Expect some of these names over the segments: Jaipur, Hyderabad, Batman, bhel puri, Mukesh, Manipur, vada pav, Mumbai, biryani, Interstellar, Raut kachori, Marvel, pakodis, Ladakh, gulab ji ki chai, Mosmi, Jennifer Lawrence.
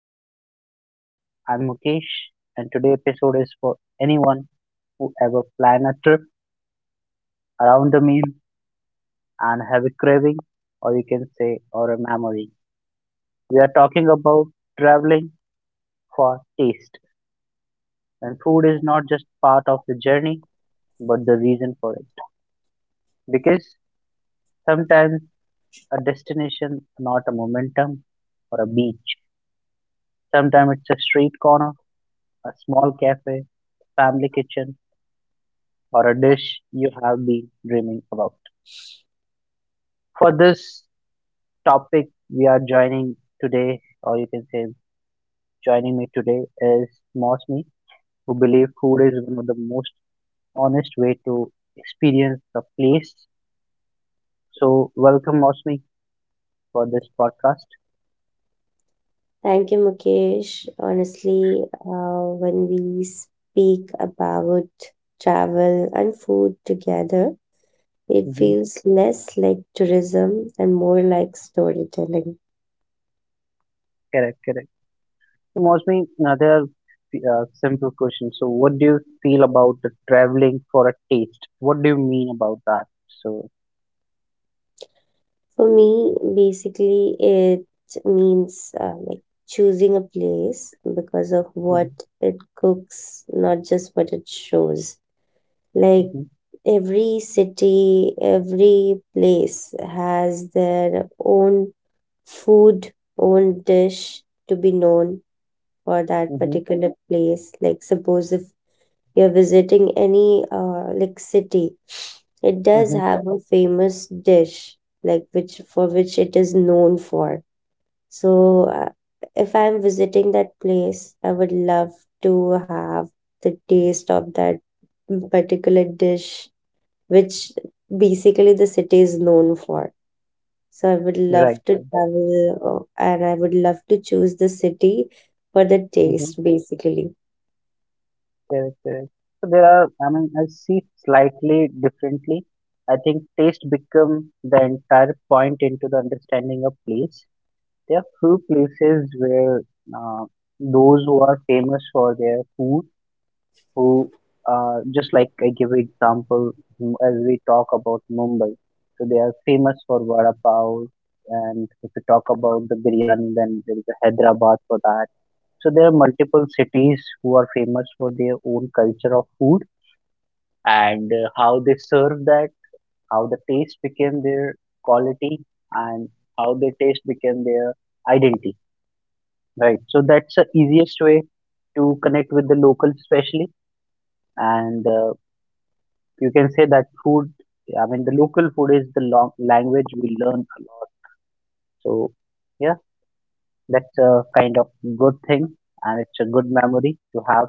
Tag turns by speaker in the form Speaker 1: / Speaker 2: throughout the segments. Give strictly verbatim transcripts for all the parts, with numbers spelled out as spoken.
Speaker 1: to the podcast. I'm Mukesh, and today's episode is for anyone who ever plan a trip around the meal and have a craving, or you can say, or a memory. We are talking about traveling for taste, and food is not just part of the journey, but the reason for it. Because sometimes a destination, not a momentum or a beach. Sometimes it's a street corner, a small cafe, family kitchen or a dish you have been dreaming about. For this topic, we are joining today, or you can say, joining me today is Mosmi, who believe food is one of the most honest way to experience the place. So, welcome Mosmi for this podcast.
Speaker 2: Thank you, Mukesh. Honestly, uh, when we speak about travel and food together, it
Speaker 1: Hmm.
Speaker 2: feels less like tourism and more like storytelling.
Speaker 1: Correct, correct. So, Mosmi, now there are uh, simple question. So, what do you feel about the traveling for a taste? What do you mean about that? So.
Speaker 2: For me, basically, it means uh, like choosing a place because of
Speaker 1: Hmm.
Speaker 2: what it cooks, not just what it shows. like
Speaker 1: Hmm.
Speaker 2: every city, every place has their own food, own dish to be known for that
Speaker 1: Hmm.
Speaker 2: particular place. Like, suppose if you're visiting any uh, like city, it does
Speaker 1: Hmm.
Speaker 2: have a famous dish, like which for which it is known for. So uh, if I'm visiting that place, I would love to have the taste of that particular dish which basically the city is known for. So I would love
Speaker 1: Right.
Speaker 2: to travel, uh, and I would love to choose the city for the
Speaker 1: Right.
Speaker 2: taste, basically.
Speaker 1: Correct, correct. So there are, I mean, I see slightly differently. I think taste become the entire point into the understanding of place. There are few places where uh, those who are famous for their food, who uh, just like I give example mm, as we talk about Mumbai. So they are famous for vada pav, and if you talk about the biryani, then there is a Hyderabad for that. So there are multiple cities who are famous for their own culture of food and uh, how they serve that, how the taste became their quality, and how the taste became their identity. Right. So that's the easiest way to connect with the locals, especially. And uh, you can say that food, I mean, the local food is the long language we learn a lot. So yeah, that's a kind of good thing, and it's a good memory to have.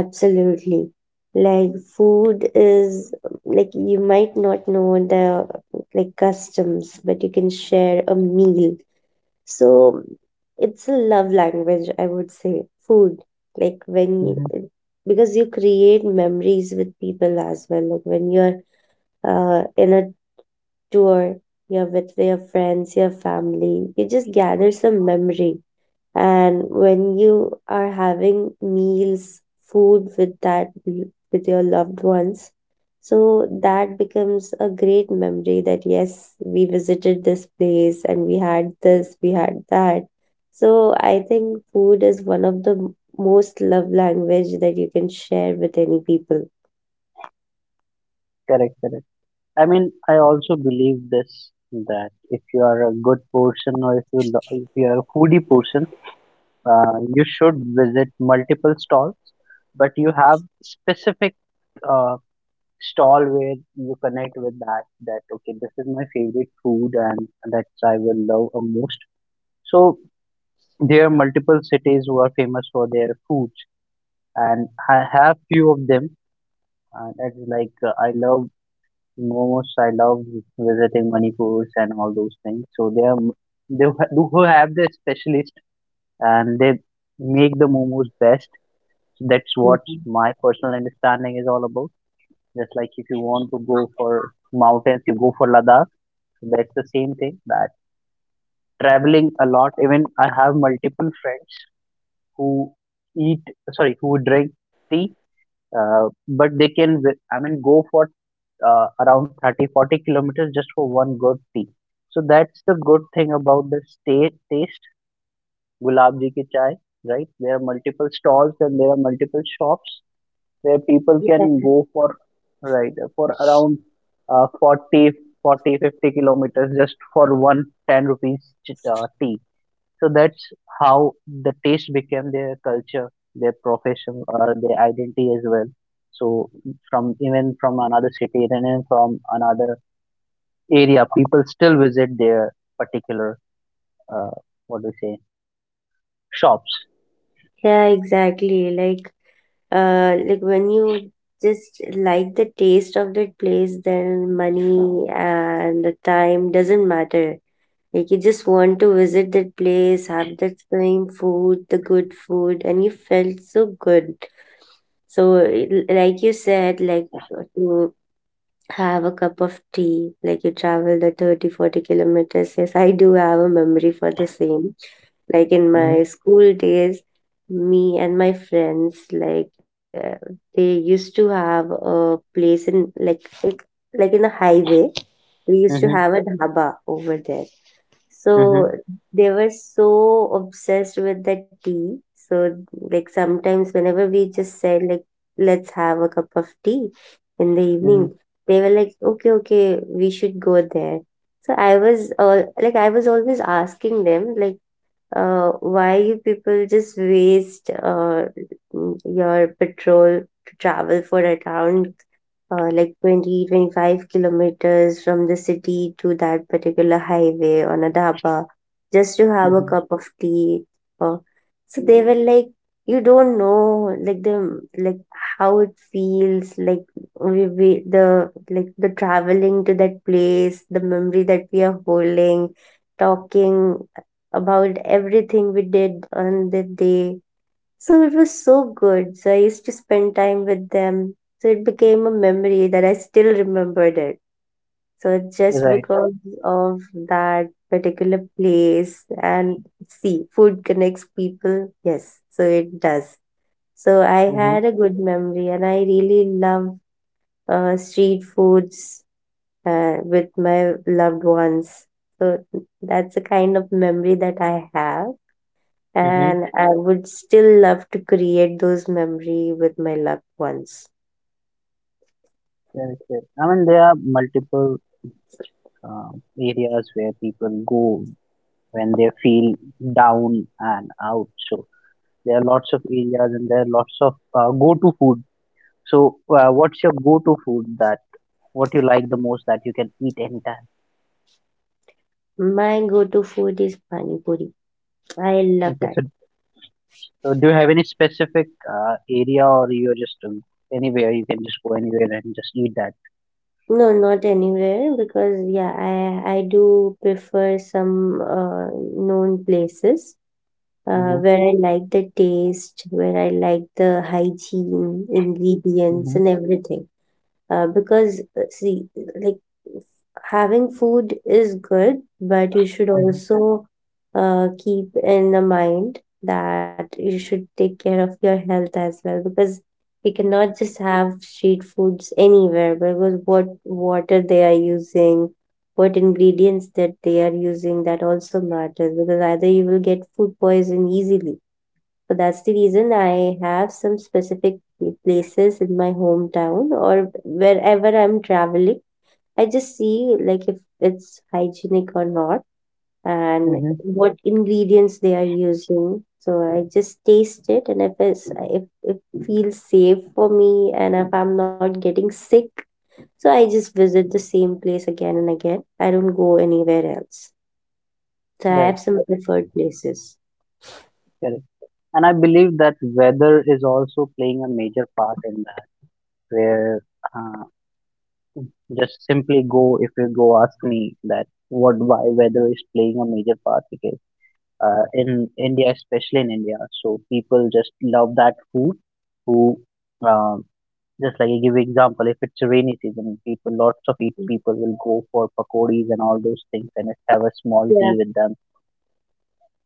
Speaker 2: Absolutely. Like, food is like, you might not know the like customs, but you can share a meal. So it's a love language, I would say. Food. Like when
Speaker 1: Hmm.
Speaker 2: you, because you create memories with people as well. Like when you're uh, in a tour, you're with your friends, your family, you just gather some memory. And when you are having meals, food with that, with your loved ones, so that becomes a great memory that yes, we visited this place and we had this, we had that. So I think food is one of the m- most love language that you can share with any people.
Speaker 1: Correct, correct. I mean, I also believe this that if you are a good person or if you lo- if you are a foodie person, uh, you should visit multiple stalls, but you have specific uh, stall where you connect with that that okay, this is my favorite food and that's I will love a most. So there are multiple cities who are famous for their foods, and I have few of them. And it's like uh, I love Momo's. I love visiting Manipur's and all those things. So they are they who ha- who have the specialist and they make the momos best. So that's what
Speaker 2: Mhm.
Speaker 1: my personal understanding is all about. Just like if you want to go for mountains, you go for Ladakh. So that's the same thing. That traveling a lot. Even I have multiple friends who eat, sorry, who drink tea, uh, but they can. vi- I mean, go for uh, around thirty, forty kilometers just for one good tea. So that's the good thing about the state taste. Gulab ji ki chai, right? There are multiple stalls and there are multiple shops where people can go for, right, for around uh, forty, forty fifty kilometers just for one ten rupees ch- uh, tea. So that's how the taste became their culture, their profession or their identity as well. So from even from another city and even from another area, people still visit their particular, uh, what do you say, shops.
Speaker 2: Yeah, exactly. Like, uh, like when you just like the taste of that place, then money and the time doesn't matter. Like you just want to visit that place, have that same food, the good food, and you felt so good. So l- like you said, like to have a cup of tea, like you travel the thirty forty kilometers. Yes, I do have a memory for the same. Like in
Speaker 1: Mm-hmm.
Speaker 2: my school days, me and my friends, like, uh, they used to have a place in like like like in a highway. We used to
Speaker 1: Mm-hmm.
Speaker 2: have a dhaba over there.
Speaker 1: Mm-hmm.
Speaker 2: So they were so obsessed with the tea. So like, sometimes whenever we just said like, let's have a cup of tea in the
Speaker 1: Mm-hmm.
Speaker 2: evening, they were like, "Okay, okay, we should go there." So I was all like I was always asking them like, uh why you people just waste uh your petrol to travel for around uh, like twenty, twenty-five kilometers from the city to that particular highway on a dhaba just to have a
Speaker 1: Mm-hmm.
Speaker 2: cup of tea or. So they were like, you don't know like the like how it feels like. We, we the like the traveling to that place, the memory that we are holding, talking about everything we did on the day, so it was so good. So I used to spend time with them. So it became a memory that I still remembered it. So just
Speaker 1: Right.
Speaker 2: because of that particular place, and see, food connects people. Yes, so it does. So I
Speaker 1: Mm-hmm.
Speaker 2: had a good memory and I really love uh, street foods uh, with my loved ones. So that's the kind of memory that I have,
Speaker 1: Mm-hmm.
Speaker 2: and I would still love to create those memory with my loved ones.
Speaker 1: Correct, correct. I mean there are multiple um, areas where people go when they feel down and out. So there are lots of areas and there are lots of uh, go-to food. So uh, what's your go-to food, that what you like the most that you can eat anytime?
Speaker 2: My go-to food is pani puri. I love
Speaker 1: Okay,
Speaker 2: that.
Speaker 1: so. So, do you have any specific uh, area, or you're just um, anywhere you can just go anywhere and just eat that?
Speaker 2: No, not anywhere, because yeah, I I do prefer some uh, known places uh,
Speaker 1: Hmm.
Speaker 2: where I like the taste, where I like the hygiene, ingredients,
Speaker 1: Hmm.
Speaker 2: and everything. Uh, because uh, see, like, having food is good, but you should
Speaker 1: Hmm.
Speaker 2: also uh, keep in the mind that you should take care of your health as well, because you cannot just have street foods anywhere, because what water they are using, what ingredients that they are using, that also matters, because either you will get food poison easily. So that's the reason I have some specific places in my hometown or wherever I'm traveling. I just see like, if it's hygienic or not, and
Speaker 1: Hmm.
Speaker 2: what ingredients they are using. So I just taste it, and if it's if, if it feels safe for me and if I'm not getting sick, so I just visit the same place again and again. I don't go anywhere else. So I
Speaker 1: Right,
Speaker 2: have some preferred places.
Speaker 1: correct. And I believe that weather is also playing a major part in that, where uh, just simply go if you go ask me that what why weather is playing a major part because uh, in India, especially in India, so people just love that food who um, just like I give example, if it's a rainy season, people lots of eat people will go for pakodis and all those things and have a small tea
Speaker 2: Yeah.
Speaker 1: with them.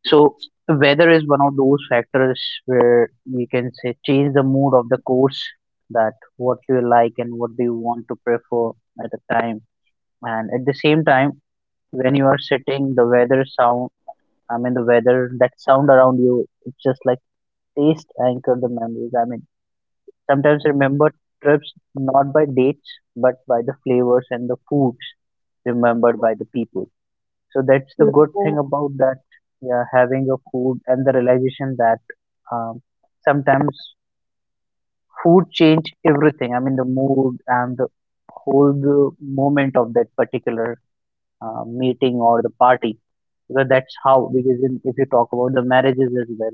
Speaker 1: So weather is one of those factors where you can say change the mood of the course, that what do you like and what do you want to prefer at the time. And at the same time, when you are sitting, the weather sound, I mean the weather that sound around you, it's just like taste anchor the memories. I mean sometimes remember trips not by dates, but by the flavors and the foods remembered by the people. So that's the good thing about that, yeah, having a food and the realization that um, sometimes food change everything. I mean, the mood and the whole the moment of that particular uh, meeting or the party. Because that's how, because in, if you talk about the marriages as well,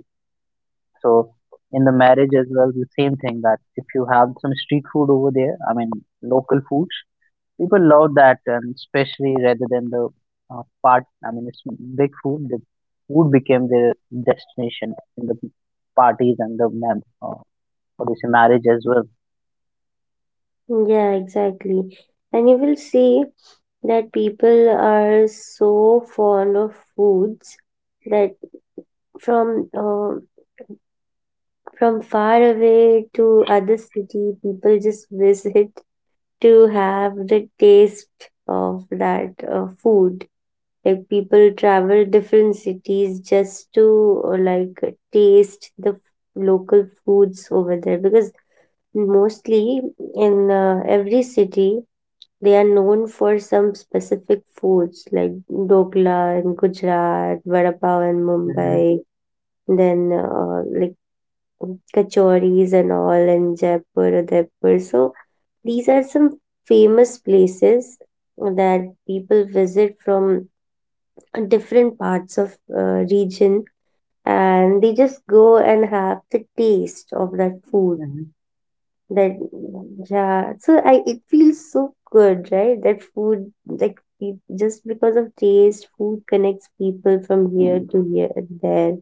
Speaker 1: so in the marriage as well, the same thing that if you have some street food over there, I mean local foods, people love that, and especially rather than the uh, part, I mean it's big food. The food became their destination in the parties and the mem- uh, what do you say, marriage as well.
Speaker 2: Yeah, exactly. And you will see that people are so fond of foods that from uh, from far away to other city, people just visit to have the taste of that uh, food. Like, people travel different cities just to uh, like taste the local foods over there, because mostly in uh, every city they are known for some specific foods like dokla in Gujarat, vada pav in
Speaker 1: Mm-hmm.
Speaker 2: Mumbai, then uh, like kachoris and all in Jaipur, Udaipur. So these are some famous places that people visit from different parts of uh, region, and they just go and have the taste of that food.
Speaker 1: Mm-hmm.
Speaker 2: That Yeah, so I, it feels so good, right? That food, like pe- just because of taste, food connects people from here to here and there.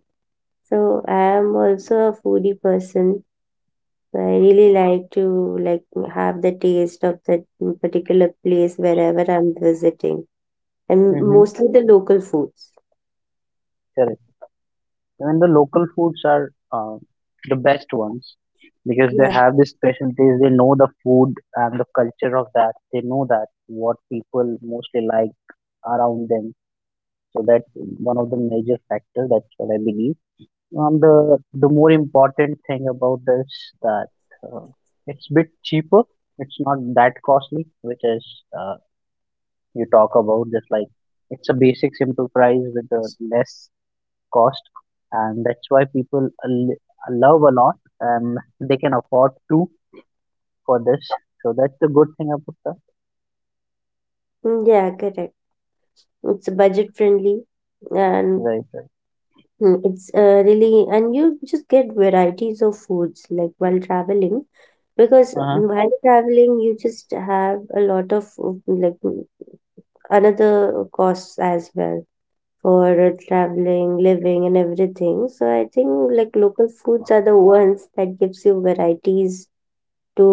Speaker 2: So I am also a foodie person. So I really like to like, have the taste of that particular place wherever I'm visiting, and
Speaker 1: Mm-hmm.
Speaker 2: mostly the local foods.
Speaker 1: Correct. Even the local foods are uh, the best ones because they
Speaker 2: Yeah.
Speaker 1: have this specialties. They know the food and the culture of that. They know that what people mostly like around them. So that's one of the major factors. That's what I believe. And the the more important thing about this, that uh, it's bit cheaper. It's not that costly, which is uh, you talk about just like it's a basic simple price with a less cost, and that's why people l- love a lot and they can afford to for this. So that's the good thing about that.
Speaker 2: Mm, yeah, correct. It's budget friendly, and
Speaker 1: Right, right.
Speaker 2: Mm, it's uh, really, and you just get varieties of foods like while traveling, because um,
Speaker 1: Uh-huh.
Speaker 2: while traveling, you just have a lot of uh, like mm, another costs as well for uh, traveling, living, and everything. So I think like local foods are the ones that gives you varieties to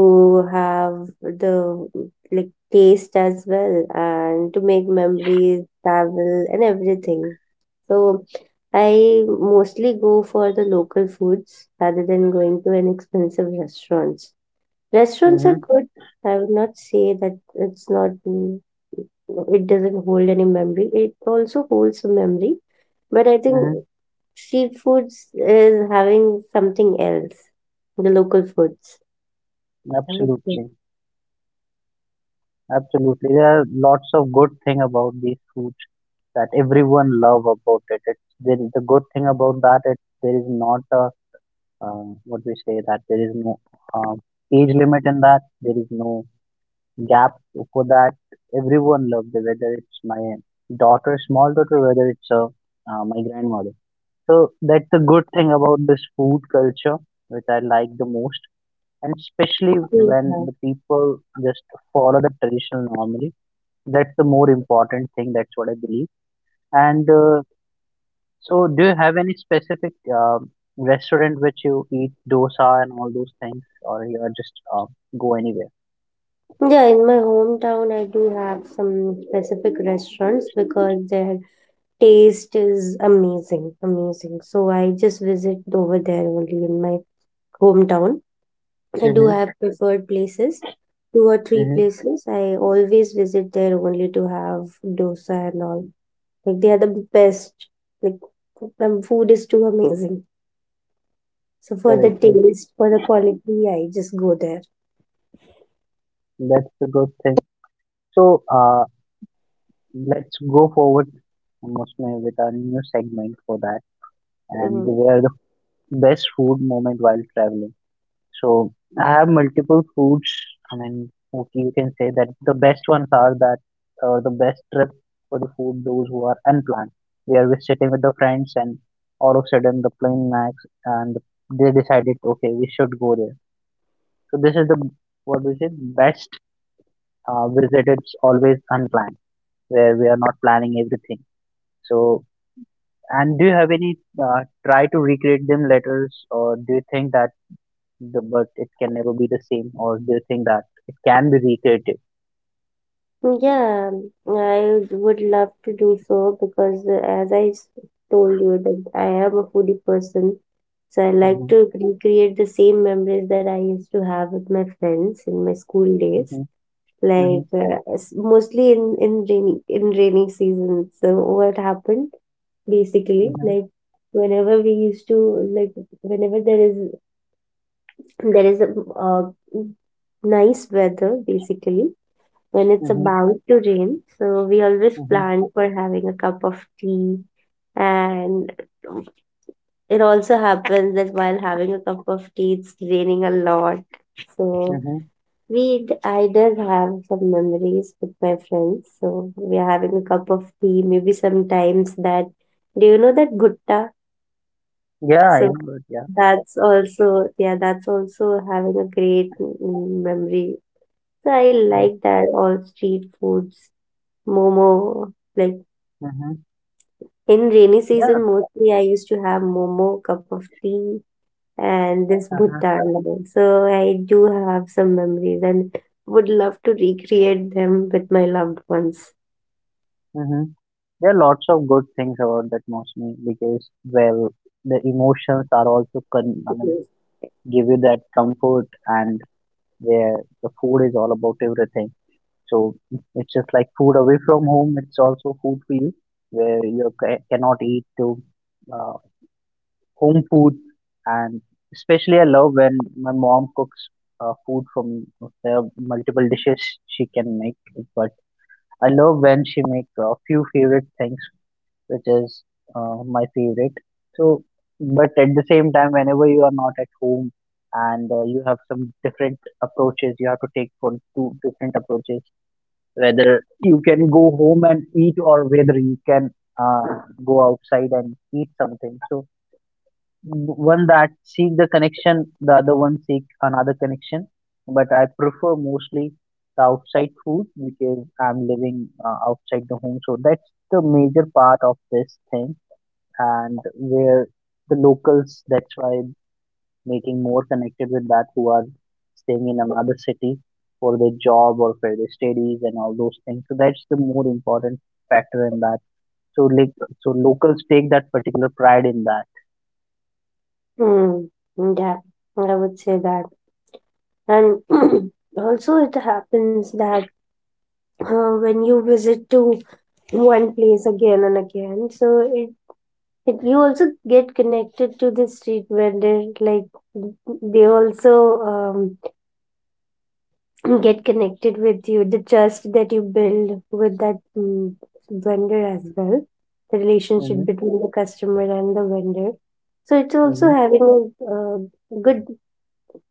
Speaker 2: have the like taste as well, and to make memories, travel and everything. So I mostly go for the local foods rather than going to an expensive restaurants. Restaurants are
Speaker 1: Mm-hmm.
Speaker 2: good. I would not say that it's not mm, it doesn't hold any memory. It also holds a memory, but I think
Speaker 1: Mm-hmm.
Speaker 2: street foods is having something else. The local foods, I would say.
Speaker 1: Absolutely. Absolutely, there are lots of good thing about these foods that everyone love about it. It's there is the good thing about that, it there is not a uh, what we say, that there is no uh, age limit in that. There is no gap for that. Everyone loved, whether it's my daughter, small daughter, whether it's uh, uh, my grandmother. So that's the good thing about this food culture, which I like the most, and especially when
Speaker 2: Yeah.
Speaker 1: the people just follow the traditional normally. That's the more important thing. That's what I believe. And uh, so, do you have any specific um restaurant which you eat dosa and all those things, or you are just uh, go anywhere?
Speaker 2: Yeah, in my hometown, I do have some specific restaurants because their taste is amazing, amazing. So I just visit over there only in my hometown. I do
Speaker 1: Mm-hmm.
Speaker 2: have preferred places, two or three
Speaker 1: Mm-hmm.
Speaker 2: places. I always visit there only to have dosa and all. Like, they are the best. Like, um, food is too amazing. So for the
Speaker 1: Correct, correct.
Speaker 2: taste, for the quality, I just go there.
Speaker 1: That's the good thing. So uh, let's go forward Musme, with our new segment for that, and
Speaker 2: Mhm.
Speaker 1: where the best food moment while traveling. So I have multiple foods. I mean, okay, you can say that the best ones are that uh, the best trip for the food those who are unplanned. We are just sitting with the friends, and all of a sudden the plane knacks, and they decided, okay, we should go there. So this is the what we say best uh, visit. It's always unplanned, where we are not planning everything. So, and do you have any uh, try to recreate them letters, or do you think that the but it can never be the same, or do you think that it can be recreated?
Speaker 2: Yeah, um, I would love to do so because, uh, as I s- told you, that I am a foodie person. So I like
Speaker 1: Mm-hmm.
Speaker 2: to recreate the same memories that I used to have with my friends in my school days.
Speaker 1: Mm-hmm.
Speaker 2: Like,
Speaker 1: Mm-hmm.
Speaker 2: uh, s- mostly in in rainy in rainy season. So what happened basically,
Speaker 1: Mm-hmm.
Speaker 2: like, whenever we used to like whenever there is there is a uh, nice weather basically, when it's
Speaker 1: Mm-hmm.
Speaker 2: about to rain. So we always
Speaker 1: Mm-hmm.
Speaker 2: plan for having a cup of tea. And it also happens that while having a cup of tea, it's raining a lot. So
Speaker 1: Mm-hmm.
Speaker 2: we, d- I did have some memories with my friends. So we are having a cup of tea. Maybe sometimes that, do you know that gutta?
Speaker 1: Yeah, I know
Speaker 2: So
Speaker 1: that. Yeah.
Speaker 2: that's also, yeah, that's also having a great mm, memory. So I
Speaker 1: Like,
Speaker 2: like that all street foods, momo, like,
Speaker 1: mm-hmm,
Speaker 2: in rainy
Speaker 1: yeah,
Speaker 2: season, mostly I used to have momo, cup of tea, and this
Speaker 1: uh-huh,
Speaker 2: bhutta. So I do have some memories, and would love to recreate them with my loved ones.
Speaker 1: mm-hmm. There are lots of good things about that Mosmi because, well, the emotions are also con- I mean,
Speaker 2: Yes.
Speaker 1: give you that comfort, and where the food is all about everything. So it's just like food away from home. It's also food for you, where you ca- cannot eat to uh, home food. And especially I love when my mom cooks uh, food from there are multiple dishes she can make. But I love when she make a few favorite things, which is uh, my favorite. So, but at the same time, whenever you are not at home and uh, you have some different approaches, you have to take for two different approaches, whether you can go home and eat or whether you can uh, go outside and eat something. So one that seek the connection, the other one seek another connection, but I prefer mostly the outside food because I'm living uh, outside the home. So that's the major part of this thing. And where the locals, that's why making more connected with that who are staying in another city for their job or for their studies and all those things. So that's the more important factor in that. So like, so locals take that particular pride in that.
Speaker 2: Mm, yeah, I would say that. And also, it happens that uh, when you visit to one place again and again, so it, it you also get connected to the street vendor. Like, they also. Um, get connected with you, the trust that you build with that mm, vendor as well, the relationship
Speaker 1: Mm-hmm.
Speaker 2: between the customer and the vendor. So it's also
Speaker 1: Mm-hmm.
Speaker 2: having a uh, good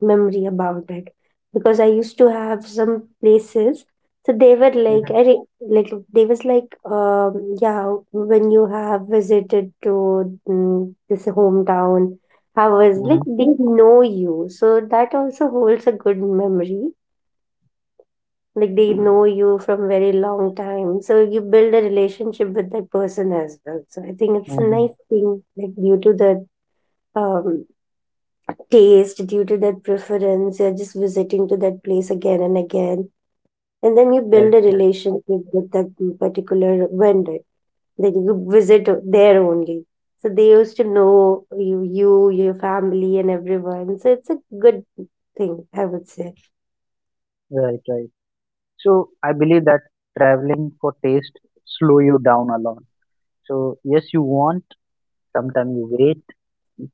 Speaker 2: memory about it, because I used to have some places. So they were like,
Speaker 1: Mm-hmm.
Speaker 2: I re- like they was like, um, yeah, when you have visited to mm, this hometown, I was like,
Speaker 1: Mm-hmm.
Speaker 2: they know you. So that also holds a good memory, like they know you from very long time, so you build a relationship with that person as well. So I think it's a
Speaker 1: Mm-hmm.
Speaker 2: nice thing, like due to that um, taste, due to that preference, you're just visiting to that place again and again, and then you build a
Speaker 1: Correct, correct.
Speaker 2: relationship with that particular vendor, that you visit there only, so they used to know you, you, your family and everyone. So it's a good thing, I would say.
Speaker 1: Right, right. So I believe that traveling for taste slow you down a lot. So yes, you want. Sometimes you wait.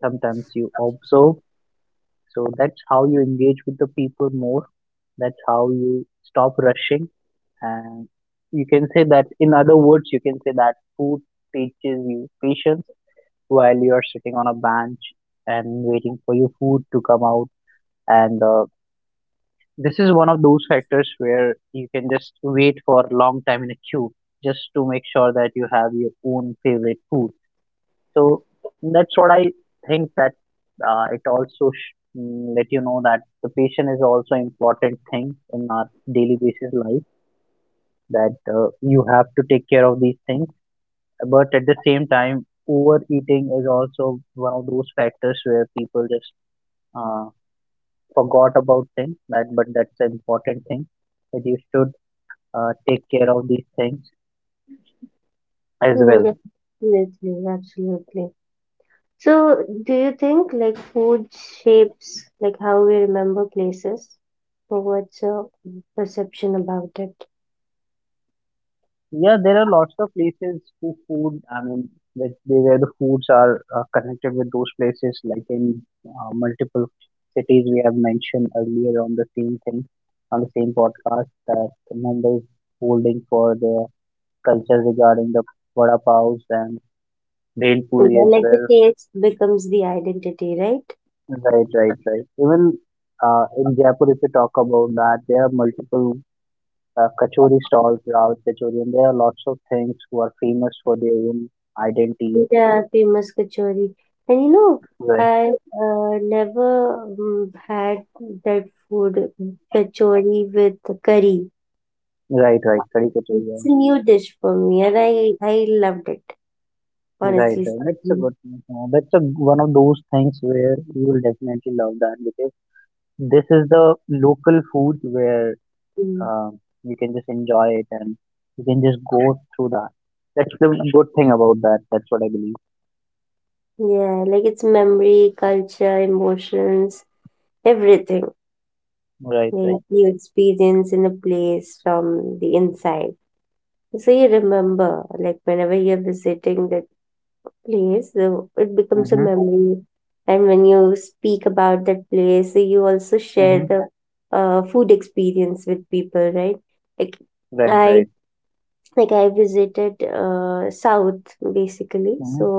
Speaker 1: Sometimes you observe. So that's how you engage with the people more. That's how you stop rushing. And you can say that, in other words, you can say that food teaches you patience while you are sitting on a bench and waiting for your food to come out. And uh, This is one of those factors where you can just wait for a long time in a queue just to make sure that you have your own favorite food. So that's what I think that uh, it also sh- mm, let you know that the patient is also important thing in our daily basis life that uh, you have to take care of these things. But at the same time, overeating is also one of those factors where people just uh, forgot about things. That but that's an important thing that you should uh, take care of these things as
Speaker 2: Mm,
Speaker 1: well.
Speaker 2: yeah, absolutely, absolutely. So, do you think like food shapes like how we remember places? So what's your perception about it?
Speaker 1: Yeah, there are lots of places to food. I mean, like they- where the foods are uh, connected with those places, like in uh, multiple cities we have mentioned earlier on the same thing, on the same podcast that Mumbai is holding for their culture regarding the vada paos and bhel
Speaker 2: Yeah,
Speaker 1: puri as
Speaker 2: like the
Speaker 1: well.
Speaker 2: taste becomes the identity, right?
Speaker 1: Right, right, right. Even uh, in Jaipur, if we talk about that, there are multiple uh, kachori stalls, Raut kachori, and there are lots of things who are famous for their own identity.
Speaker 2: Yeah, famous kachori. And you know,
Speaker 1: Right,
Speaker 2: I uh, never um, had that food kachori with curry.
Speaker 1: right, right. Caricature, yeah.
Speaker 2: It's a new dish for me, and I I loved it,
Speaker 1: Right,
Speaker 2: honestly.
Speaker 1: right. That's a
Speaker 2: Speaking.
Speaker 1: good. Uh, that's a one of those things where you will definitely love that because this is the local food where
Speaker 2: Mm.
Speaker 1: um, you can just enjoy it and you can just go through that. That's the good thing about that. That's what I believe.
Speaker 2: Yeah, like it's memory, culture, emotions everything,
Speaker 1: Right,
Speaker 2: like
Speaker 1: right.
Speaker 2: you experience in a place from the inside, so you remember like whenever you're visiting that place, the, it becomes a
Speaker 1: Mhm,
Speaker 2: memory. And when you speak about that place, you also share
Speaker 1: mhm.
Speaker 2: the uh, food experience with people, right? Like
Speaker 1: Right,
Speaker 2: i
Speaker 1: right.
Speaker 2: like i visited uh, south basically. So
Speaker 1: Mhm,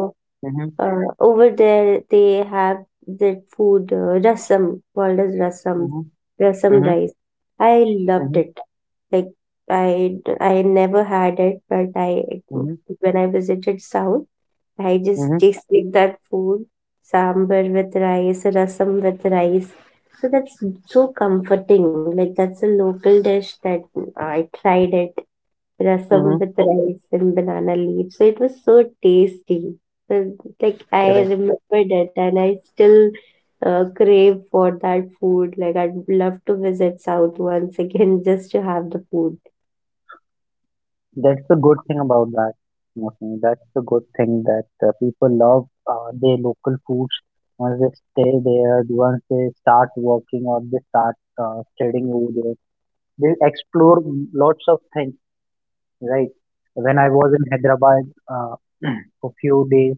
Speaker 1: mhm,
Speaker 2: uh, over there, they have that food, uh, rasam, called as rasam,
Speaker 1: mhm,
Speaker 2: rasam
Speaker 1: mhm,
Speaker 2: rice. I loved
Speaker 1: mhm,
Speaker 2: it. Like I, I never had it, but I,
Speaker 1: mhm,
Speaker 2: when I visited South, I just
Speaker 1: mhm,
Speaker 2: tasted that food, sambar with rice, rasam with rice. So that's so comforting. Like that's a local dish that I tried it, rasam
Speaker 1: mhm.
Speaker 2: with rice and banana leaves. So it was so tasty. So, like I
Speaker 1: Correct.
Speaker 2: remember that, and I still uh, crave for that food. Like I'd love to visit South once again just to have the food.
Speaker 1: That's the good thing about that. Mostly, that's the good thing that uh, people love uh, their local foods once they stay there, once they start working or they start uh, studying over there. They explore lots of things, right? When I was in Hyderabad uh, for few days,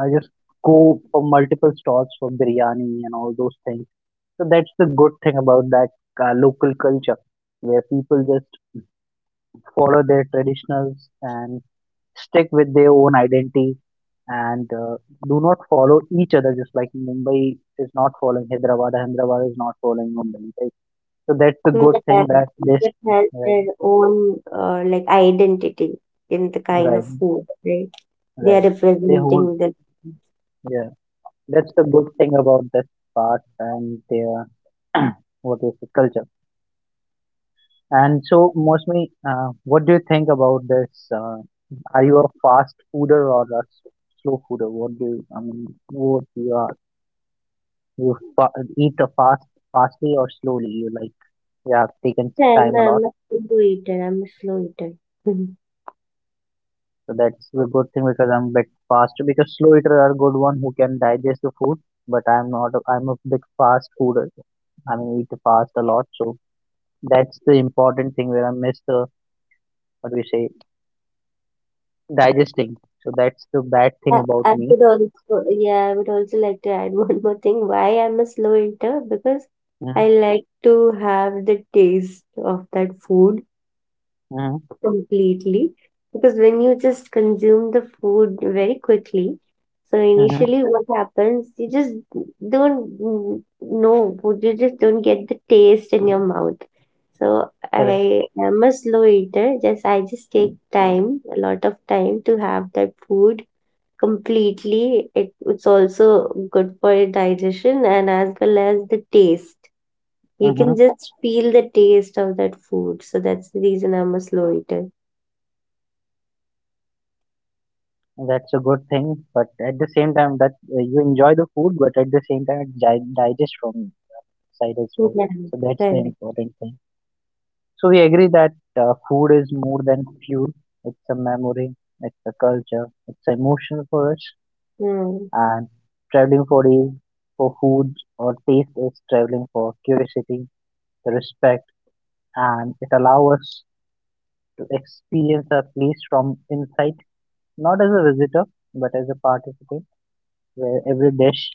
Speaker 1: I just go for multiple stalls for biryani and all those things. So that's the good thing about that uh, local culture, where people just follow their traditionals and stick with their own identity and uh, do not follow each other, just like Mumbai is not following Hyderabad, Hyderabad is not following Mumbai, right? So that's the good
Speaker 2: But
Speaker 1: thing
Speaker 2: have
Speaker 1: that this,
Speaker 2: it has
Speaker 1: right,
Speaker 2: their own uh, like identity in the kind
Speaker 1: right,
Speaker 2: of food, right? They
Speaker 1: right,
Speaker 2: are
Speaker 1: they hold,
Speaker 2: representing them.
Speaker 1: yeah, that's the good thing about this part and their what is the culture. And so mostly, uh, what do you think about this uh, are you a fast fooder or a s- slow fooder? What do you, I mean, what you are? You fa- Eat a fast, fastly or slowly. You like you have taken
Speaker 2: Yeah,
Speaker 1: time a
Speaker 2: I'm,
Speaker 1: lot,
Speaker 2: I'm a slow eater. I'm a slow eater.
Speaker 1: so that's the good thing because I'm a bit fast. Because slow eater are good one who can digest the food, but I'm not. a- I'm a big fast fooder. I mean, eat fast a lot, so that's the important thing where I miss the what we say digesting. So that's the bad thing
Speaker 2: Uh,
Speaker 1: about
Speaker 2: I
Speaker 1: me.
Speaker 2: would also, yeah, I would also like to add one more thing. Why I'm a slow eater? Because I
Speaker 1: Mm-hmm.
Speaker 2: like to have the taste of that food
Speaker 1: Mm-hmm.
Speaker 2: completely. Because when you just consume the food very quickly, so
Speaker 1: Mm-hmm.
Speaker 2: initially what happens, you just don't n- know, you just don't get the taste in your mouth. So
Speaker 1: Correct.
Speaker 2: I am a slow eater. Just I just take time, a lot of time to have that food completely. It, it's also good for your digestion and as well as the taste. You can
Speaker 1: Mm-hmm.
Speaker 2: just feel the taste of that food. So that's the reason I'm a slow eater.
Speaker 1: That's a good thing, but at the same time, that uh, you enjoy the food, but at the same time, it di- digest from you side as
Speaker 2: Yeah,
Speaker 1: well. So that's the
Speaker 2: correct.
Speaker 1: important thing. So we agree that uh, food is more than fuel. It's a memory. It's a culture. It's emotion for us.
Speaker 2: Yeah,
Speaker 1: And traveling for is for food or taste is traveling for curiosity, the respect, and it allows us to experience a place from inside, not as a visitor but as a participant, where every dish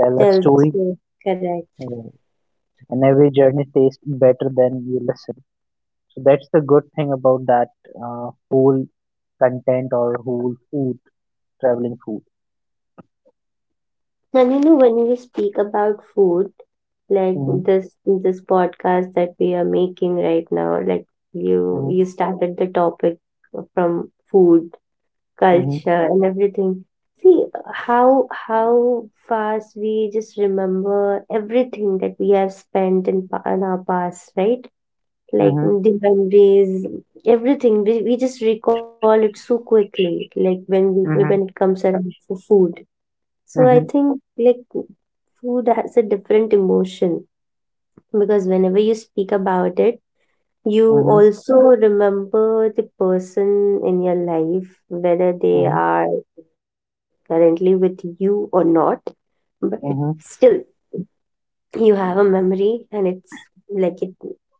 Speaker 1: tells a
Speaker 2: that's
Speaker 1: story.
Speaker 2: true. Correct.
Speaker 1: uh, and every journey tastes better than you listen. So that's the good thing about that uh, whole content or whole food, traveling food.
Speaker 2: And you know, when we speak about food, like
Speaker 1: Mhm,
Speaker 2: this this podcast that we are making right now, like you
Speaker 1: mhm,
Speaker 2: you started the topic from food,
Speaker 1: mhm,
Speaker 2: culture and everything. See, uh, how how fast we just remember everything that we have spent in, pa- in our past, right? Like
Speaker 1: mhm,
Speaker 2: mm, the memories, everything. We, we just recall it so quickly. Like when we when it
Speaker 1: mhm,
Speaker 2: comes around for food. So I
Speaker 1: mhm,
Speaker 2: think like food has a different emotion, because whenever you speak about it, you
Speaker 1: mhm,
Speaker 2: also remember the person in your life, whether they
Speaker 1: mhm,
Speaker 2: are currently with you or not, but still
Speaker 1: mhm.
Speaker 2: you have a memory, and it's like it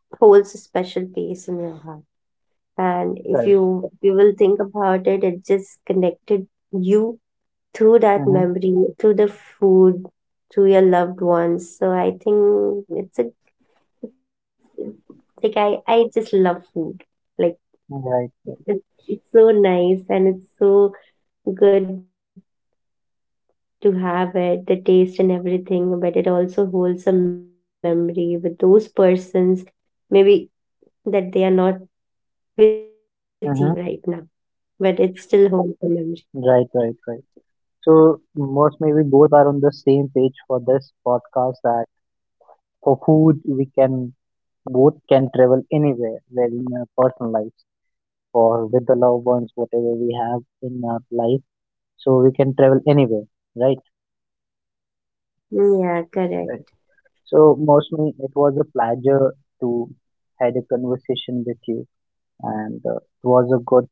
Speaker 2: holds a special place in your heart. And if
Speaker 1: Correct.
Speaker 2: you, if you will think about it, it just connected you through that
Speaker 1: Mhm.
Speaker 2: memory, through the food, through your loved ones. So I think it's a, like i i just love food. Like
Speaker 1: Right. Right.
Speaker 2: it, it's so nice and it's so good to have it, the taste and everything, but it also holds a memory with those persons, maybe that they are not with you right now, but it
Speaker 1: Mhm.
Speaker 2: still holds a memory.
Speaker 1: Right. Right. Right. So most maybe both are on the same page for this podcast that for food we can, both can travel anywhere, where in our personal lives or with the loved ones whatever we have in our life, so we can travel anywhere, right?
Speaker 2: Mm, Yeah, correct.
Speaker 1: So mostly it was a pleasure to had a conversation with you, and uh, it was a good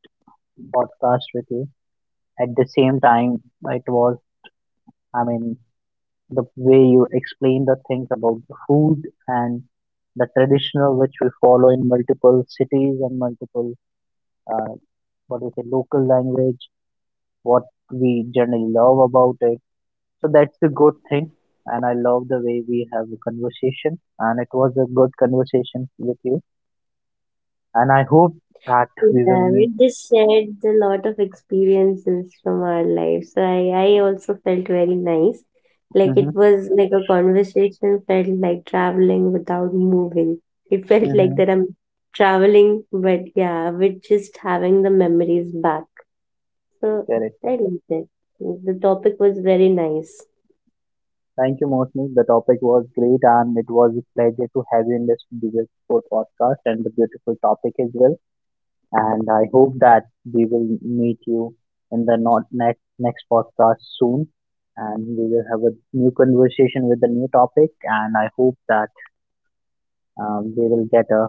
Speaker 1: podcast with you. At the same time, it was, I mean, the way you explained the things about the food and the traditional which we follow in multiple cities and multiple, uh, what is it, local language, what we generally love about it. So that's the good thing, and I love the way we have a conversation, and it was a good conversation with you. And I hope that we
Speaker 2: Yeah,
Speaker 1: will
Speaker 2: we
Speaker 1: meet.
Speaker 2: just shared a lot of experiences from our lives. So I, I also felt very nice. Like it
Speaker 1: Mm-hmm.
Speaker 2: was like a conversation felt like traveling without moving. It felt like
Speaker 1: Mm-hmm.
Speaker 2: that I'm traveling, but yeah, we're just having the memories back. So
Speaker 1: Correct.
Speaker 2: I
Speaker 1: Correct.
Speaker 2: liked it. The topic was very nice.
Speaker 1: Thank you, Mosmi. The topic was great, and it was a pleasure to have you in this beautiful podcast and the beautiful topic as well. And I hope that we will meet you in the not next next podcast soon, and we will have a new conversation with a new topic. And I hope that um, we will get a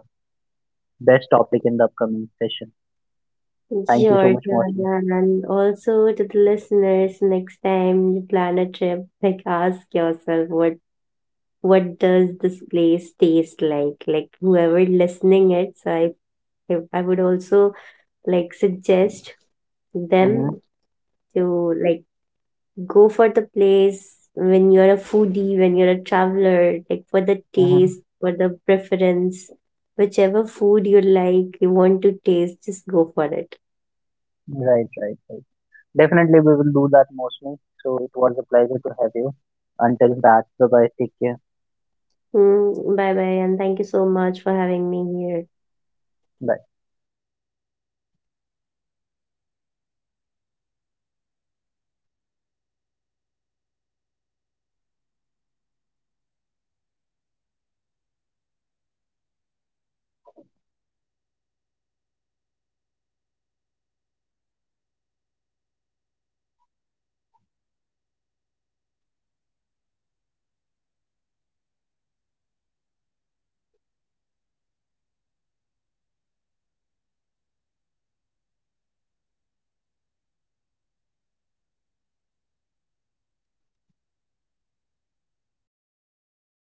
Speaker 1: best topic in the upcoming session. Thank you so
Speaker 2: Sure,
Speaker 1: much, Mosmi.
Speaker 2: sure, and also to the listeners, next time you plan a trip, like ask yourself what what does this place taste like like whoever listening it. So i i I would also like suggest them
Speaker 1: Mm-hmm.
Speaker 2: to, like, go for the place when you're a foodie, when you're a traveler, like for the
Speaker 1: Mm-hmm.
Speaker 2: taste, for the preference, whichever food you like, you want to taste, just go for it.
Speaker 1: Right. Right. Right. Definitely, we will do that, mostly. So it was a pleasure to have you. Until that, bye bye. Take care.
Speaker 2: Mm, bye bye and thank you so much for having me here.
Speaker 1: Bye.